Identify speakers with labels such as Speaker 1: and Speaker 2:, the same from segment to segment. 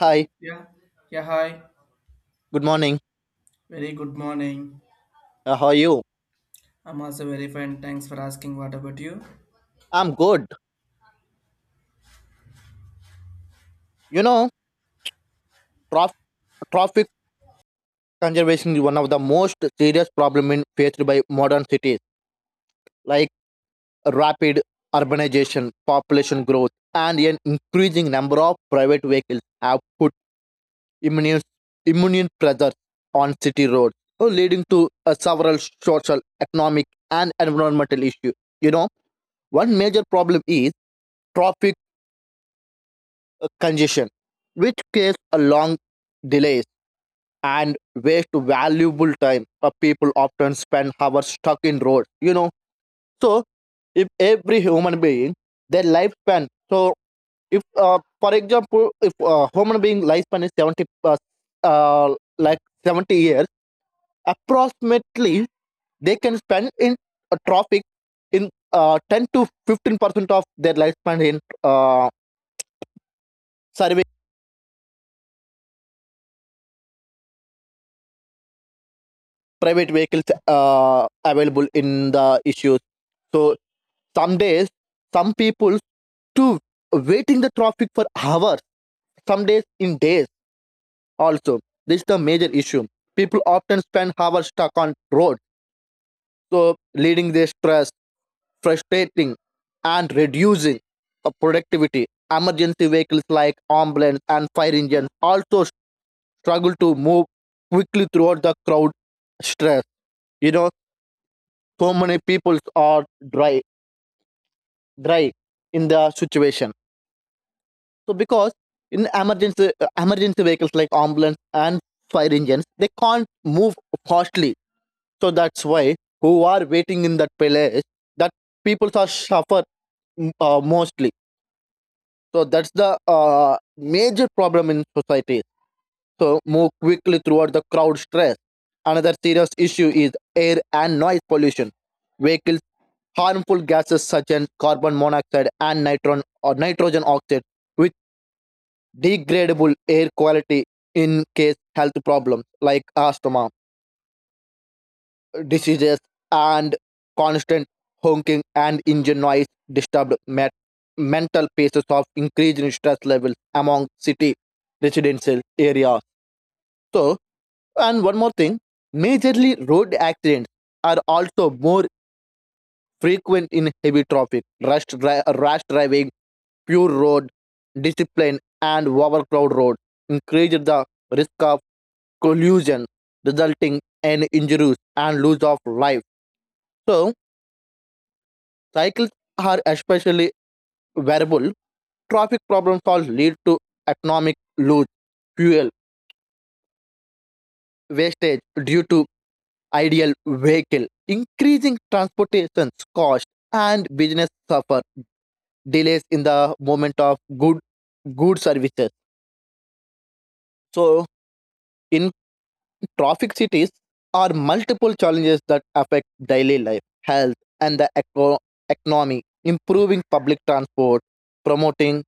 Speaker 1: Hi,
Speaker 2: Yeah. Yeah, hi.
Speaker 1: good morning.
Speaker 2: Very good morning.
Speaker 1: How are you?
Speaker 2: I'm also very fine. Thanks for asking. What about you?
Speaker 1: I'm good. You know, trof- traffic conservation is one of the most serious problem in faced by modern cities, like rapid urbanization, population growth, and an increasing number of private vehicles have put immense, immense pressure on city roads, so leading to several social, economic, and environmental issues. You know, one major problem is traffic congestion, which creates a long delays and waste valuable time. People often spend hours stuck in roads. So, if every human being, their lifespan, so if, for example, if a human being lifespan is 70, like 70 years, approximately they can spend in traffic in 10 to 15% of their lifespan in service private vehicles available in the issues. So, some days, some people to waiting the traffic for hours, some days in days also. This is the major issue. People often spend hours stuck on road, so leading their stress, frustrating, and reducing of productivity. Emergency vehicles like ambulance and fire engines also struggle to move quickly throughout the crowd stress. You know, so many people are dry in the situation. So because in emergency emergency vehicles like ambulance and fire engines, they can't move fastly. So that's why who are waiting in that place that people are suffer mostly. So that's the major problem in society. So move quickly throughout the crowd stress. Another serious issue is air and noise pollution. Vehicles harmful gases such as carbon monoxide and nitron or nitrogen oxide, which degradable air quality in case health problems like asthma, diseases, and constant honking and engine noise disturbed mental pieces of increasing stress levels among city residential areas. So, and one more thing, majorly road accidents are also more frequent in heavy traffic, rush, rash driving, poor road discipline, and overcrowded road increase the risk of collision, resulting in injuries and loss of life. So, cycles are especially variable. Traffic problems also lead to economic loss, fuel wastage due to ideal vehicle, increasing transportation cost, and business suffer delays in the movement of good services. So, in traffic cities are multiple challenges that affect daily life, health, and economy. Improving public transport, promoting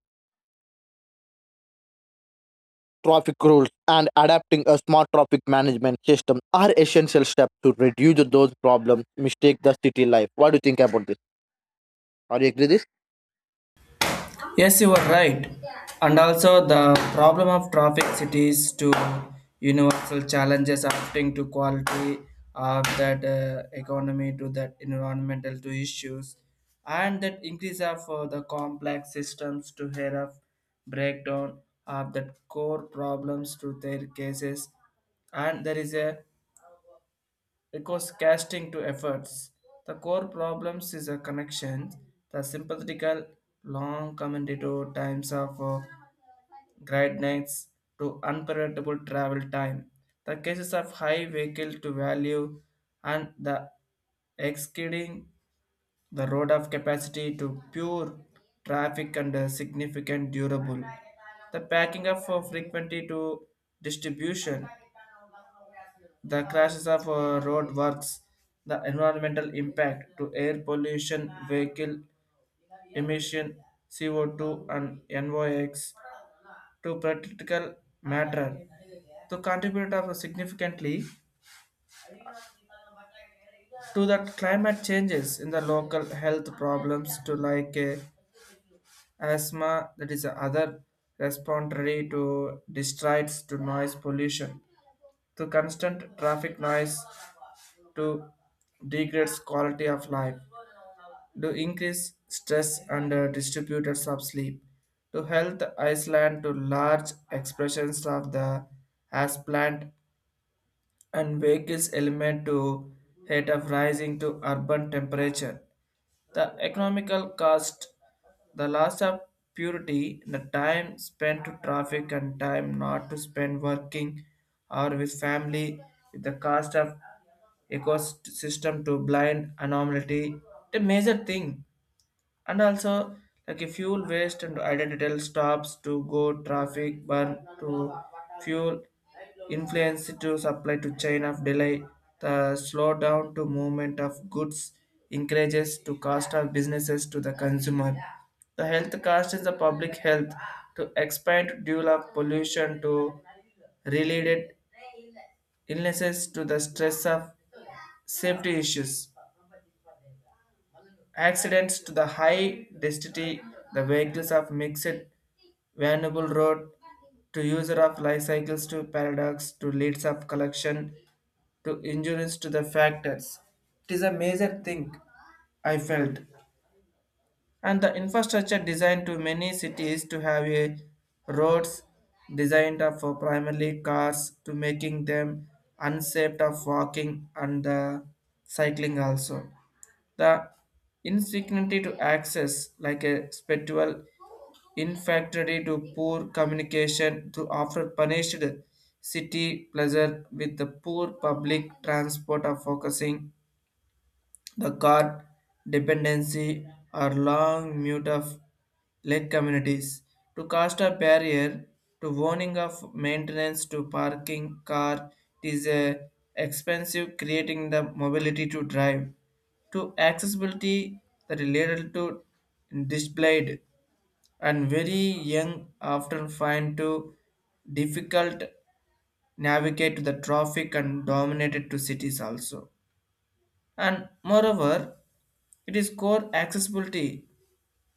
Speaker 1: traffic rules, and adapting a smart traffic management system are essential steps to reduce those problems. Mistake the city life. What do you think about this? Are you agree this?
Speaker 2: Yes, you are right. And also, the problem of traffic cities to universal challenges affecting to quality of that economy to that environmental to issues, and that increase of the complex systems to hear of breakdown of the core problems to their cases, and there is a because casting to efforts. The core problems is a connection, the sympathetical long commentator times of great nights to unpredictable travel time, the cases of high vehicle to value and the exceeding the road of capacity to pure traffic and significant durable. The packing up for frequency to distribution, the crashes of road works, the environmental impact to air pollution, vehicle emission, CO2 and NOx to practical matter to contribute of significantly to the climate changes in the local health problems to like asthma that is other respiratory to distracts to noise pollution, to constant traffic noise to degrades quality of life, to increase stress and distributors of sleep, to health Iceland to large expressions of the as plant and vehicles element to heat of rising to urban temperature. The economical cost, the loss of purity, the time spent to traffic and time not to spend working or with family, with the cost of ecosystem to blind anomaly, the major thing. And also like a fuel waste and identity stops to go traffic burn to fuel influence to supply to chain of delay, the slowdown to movement of goods encourages to cost of businesses to the consumer, the health cost is the public health to expand due of pollution to related illnesses to the stress of safety issues, accidents to the high density, the vehicles of mixed Vanable Road to user of life cycles to paradox to leads of collection to insurance to the factors. It is a major thing I felt. And the infrastructure designed to many cities to have a roads designed of for primarily cars, to making them unsafe of walking and the cycling also. The insecurity to access like a spiritual Infidelity to poor communication to offer punished city pleasure with the poor public transport of focusing the car dependency or long mute of lake communities to cast a barrier to warning of maintenance to parking car, it is a expensive creating the mobility to drive to accessibility that related to displayed, and very young often find to difficult navigate the traffic and dominated to cities also. And moreover, it is core accessibility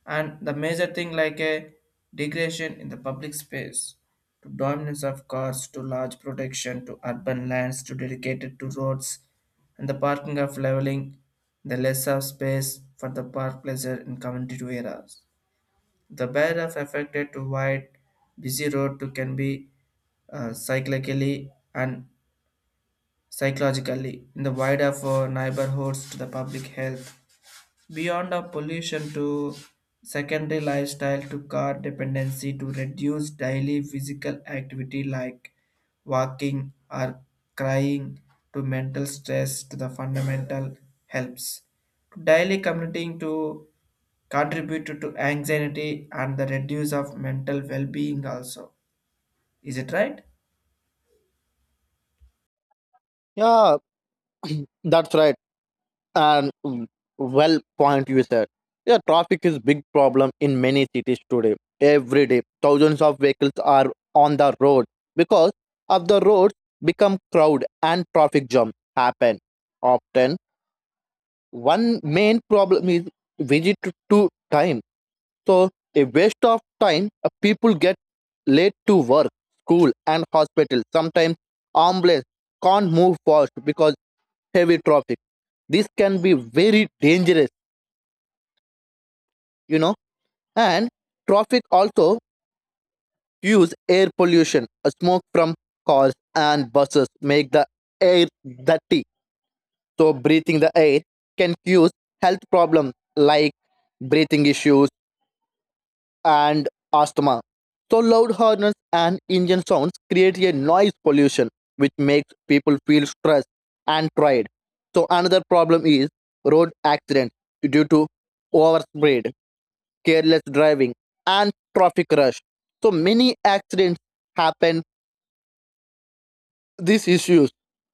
Speaker 2: and the major thing like a degradation in the public space to dominance of cars, to large protection to urban lands to dedicated to roads and the parking of leveling, the less of space for the park pleasure in community to areas, the barriers affected to wide, busy road to can be cyclically and psychologically in the wider for neighborhoods to the public health. Beyond the pollution to secondary lifestyle to car dependency to reduce daily physical activity like walking or crying to mental stress to the fundamental helps. To daily commuting to contributed to anxiety and the reduce of mental well-being also, is it right?
Speaker 1: Yeah, that's right. And well point you said. Yeah, traffic is big problem in many cities today. Every day, thousands of vehicles are on the road because of the roads become crowd and traffic jam happen. Often, one main problem is visit to time. So, a waste of time. People get late to work, school, and hospital. Sometimes ambulance can't move fast because heavy traffic. This can be very dangerous, you know, and traffic also use air pollution. Smoke from cars and buses make the air dirty, so breathing the air can cause health problems like breathing issues and asthma. So loud horns and engine sounds create a noise pollution, which makes people feel stressed and tired. So another problem is road accident due to overspeed, careless driving, and traffic rush. So many accidents happen these issues.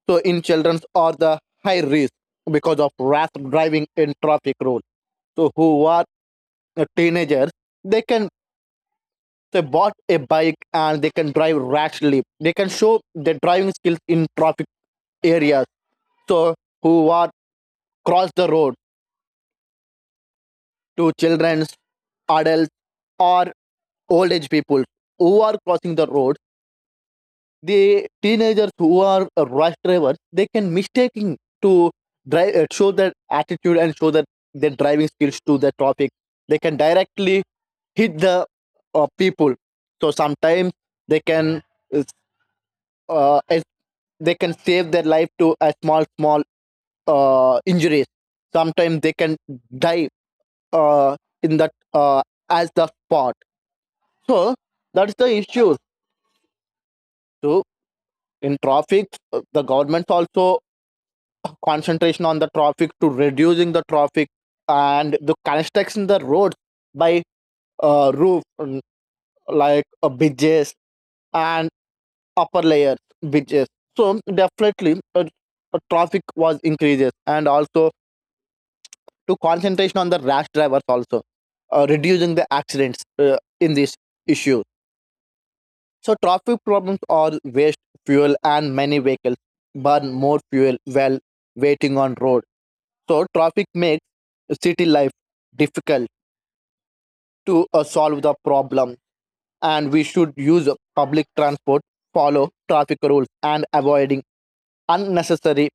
Speaker 1: So in children are the high risk because of rash driving in traffic rule. So who are teenagers, they can, they bought a bike and they can drive rashly. They can show their driving skills in traffic areas. So who are cross the road to children, adults, or old age people who are crossing the road. The teenagers who are rush drivers, they can mistaking to drive show that attitude and show that their driving skills to the traffic. They can directly hit the people. So sometimes they can uh, uh, as- they can save their life to a small small injuries. Sometimes they can die in that as the spot. So that's the issue. So in traffic, the government also concentration on the traffic to reducing the traffic and the construction the roads by roof like bridges and upper layer bridges. So definitely traffic was increases and also to concentration on the rash drivers also reducing the accidents in this issue. So traffic problems are waste fuel and many vehicles burn more fuel while waiting on road. So traffic makes city life difficult to solve the problem, and we should use public transport, follow traffic rules and avoiding unnecessary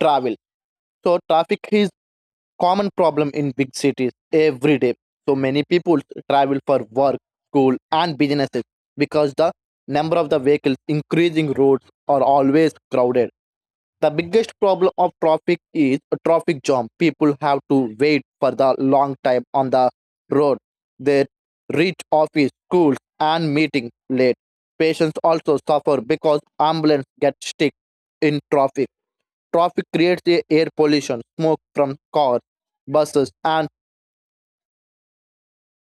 Speaker 1: travel. So traffic is common problem in big cities every day. So many people travel for work, school and businesses because the number of the vehicles increasing roads are always crowded. The biggest problem of traffic is a traffic jam. People have to wait for the long time on the road. They reach office, schools, and meeting late. Patients also suffer because ambulance get stuck in traffic. Traffic creates the air pollution, smoke from cars, buses, and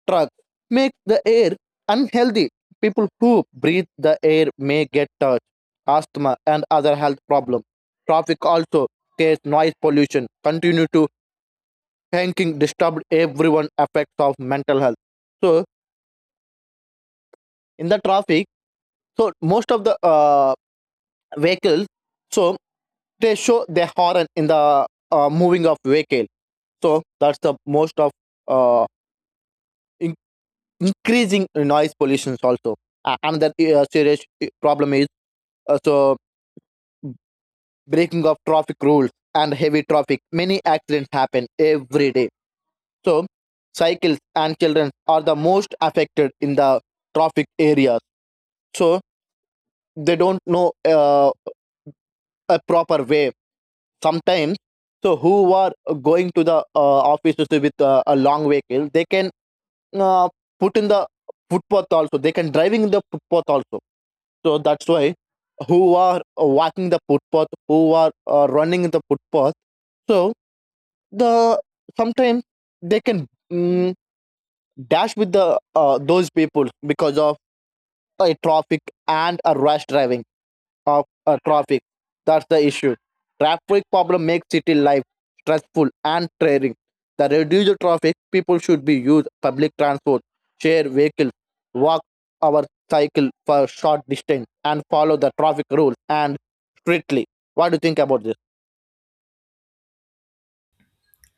Speaker 1: truck make the air unhealthy. People who breathe the air may get touch, asthma, and other health problems. Traffic also creates noise pollution. Continue to thinking disturbed everyone effects of mental health. So in the traffic, so most of the vehicles, so they show their horn in the moving of vehicle. So that's the most of uh, in- increasing noise pollution also. Another serious problem is so breaking of traffic rules and heavy traffic, many accidents happen every day. So cycles and children are the most affected in the traffic areas. So they don't know a proper way sometimes. So who are going to the offices with a long vehicle, they can uh, put in the footpath also. They can driving in the footpath also. So that's why who are walking the footpath, who are running in the footpath. So the sometimes they can mm, dash with the those people because of a traffic and a rush driving of traffic. That's the issue. Traffic problem makes city life stressful and tiring. The reduce the traffic, people should be use public transport, share vehicles, walk our cycle for short distance, and follow the traffic rules and strictly. What do you think about this?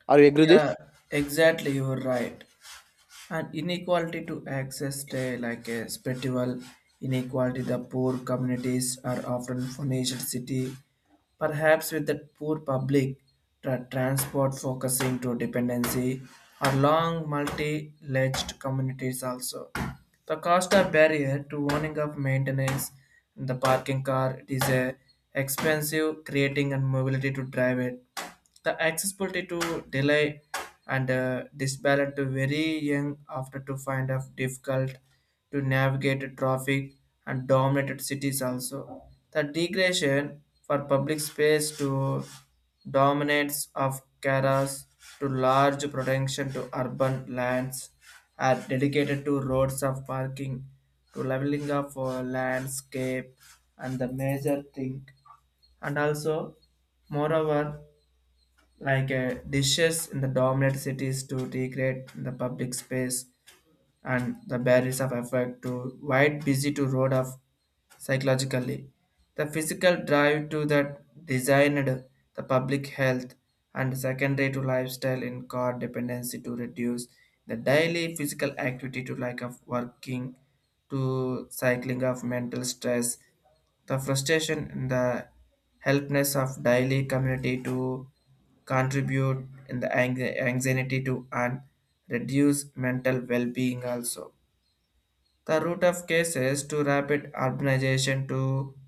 Speaker 1: Are you agree with this?
Speaker 2: Yeah, exactly. You're right. And inequality to access day like a spiritual inequality, the poor communities are often financial city, perhaps with the poor public transport focusing to dependency or long multi-ledged communities also. The cost of barrier to owning of maintenance and the parking car, it is a expensive creating and mobility to drive it, the accessibility to delay and disbalance to very young after to find of difficult to navigate traffic and dominated cities also. The degradation for public space to dominance of caras to large protection to urban lands are dedicated to roads of parking to leveling of landscape and the major thing. And also, moreover, like dishes in the dominant cities to degrade the public space and the barriers of effect to wide busy to road of psychologically. The physical drive to that designed the public health and secondary to lifestyle in car dependency to reduce the daily physical activity to lack of working to cycling of mental stress, the frustration and the helpness of daily community to contribute in the anxiety to and reduce mental well-being also, the root of cases to rapid urbanization to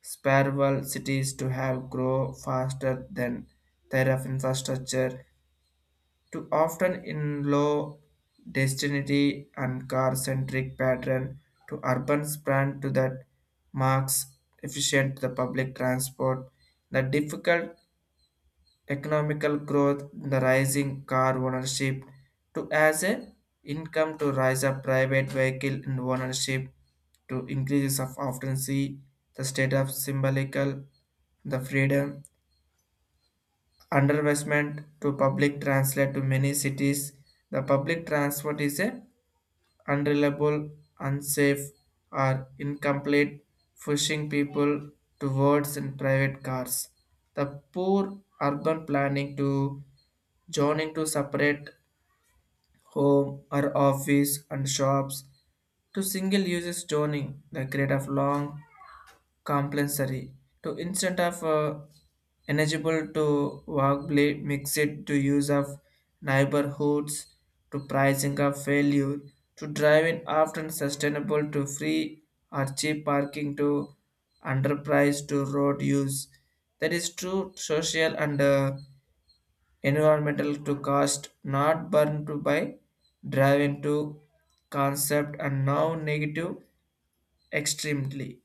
Speaker 2: spiral cities to have grow faster than their of infrastructure, to often in low density and car-centric pattern to urban span to that marks efficient the public transport, the difficult economical growth, the rising car ownership to as a income to rise up private vehicle in ownership to increases of often see the state of symbolical the freedom, underinvestment to public translate to many cities, the public transport is a unreliable, unsafe, or incomplete, pushing people towards in private cars. The poor urban planning to Joining to separate home or office and shops, to single uses joining the grade of long compulsory to instant of eligible to workplace mix it to use of neighborhoods, to pricing of failure to driving often sustainable to free or cheap parking to enterprise to road use, that is true social and environmental to cost not burn to by driving to concept and now negative extremely.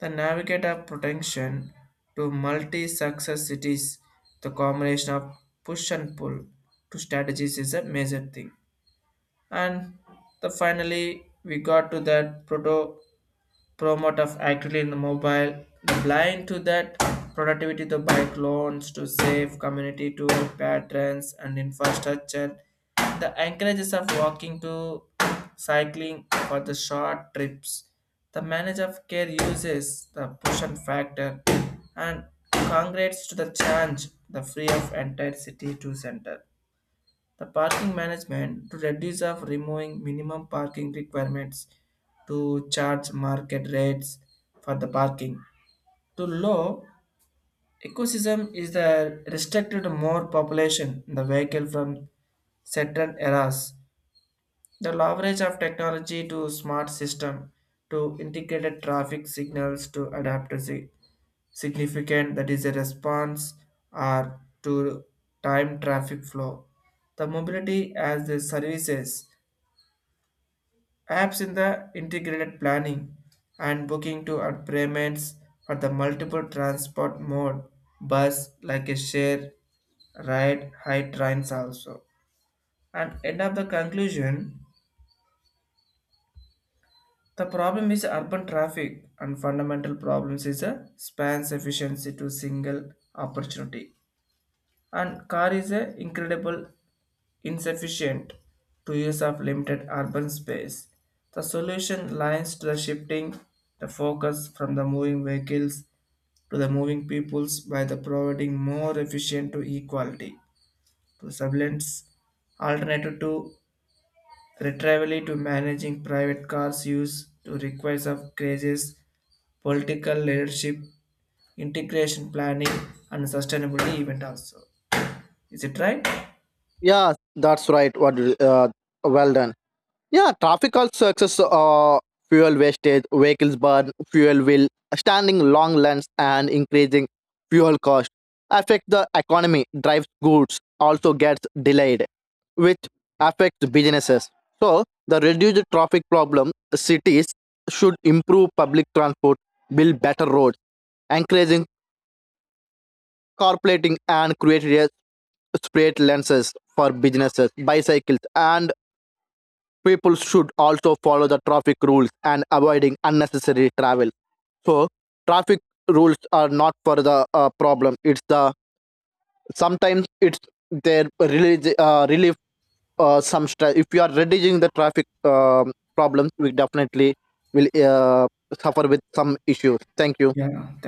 Speaker 2: The navigator protection to multi-success cities, the combination of push and pull to strategies is a major thing. And the finally we got to that proto promote of actively in the mobile, the blind to that productivity to bike loans to save community to patrons and infrastructure. The encourages of walking to cycling for the short trips. The manager of care uses the push and factor, and congrats to the change the free of entire city to center. The parking management to reduce of removing minimum parking requirements to charge market rates for the parking. To low ecosystem is the restricted more population in the vehicle from certain eras. The leverage of technology to smart system to integrated traffic signals to adapt to significant that is a response or to time traffic flow. The mobility as the services Apps in the integrated planning and booking to and payments for the multiple transport mode, bus like a share, ride, high trains also. And end of the conclusion, the problem is urban traffic and fundamental problems is a span efficiency to single opportunity. And car is a incredible insufficient to use of limited urban space. The solution lies to the shifting the focus from the moving vehicles to the moving peoples by the providing more efficient to equality to surveillance alternative to retrievally to managing private cars use to requires of crazes, political leadership, integration planning, and sustainability event also. Is it right?
Speaker 1: Yeah, that's right, well done. Yeah, traffic also excess fuel wastage, vehicles burn, fuel will, standing long lines and increasing fuel cost affect the economy, drives goods also gets delayed, which affects businesses. So the reduced traffic problem, cities should improve public transport, build better roads, encouraging carplating and create a spread lenses for businesses, bicycles and people should also follow the traffic rules and avoiding unnecessary travel. So traffic rules are not for the problem, it's the sometimes it's their relief, some stress. If you are reducing the traffic problems, we definitely will suffer with some issues. Thank you.
Speaker 2: Yeah, thank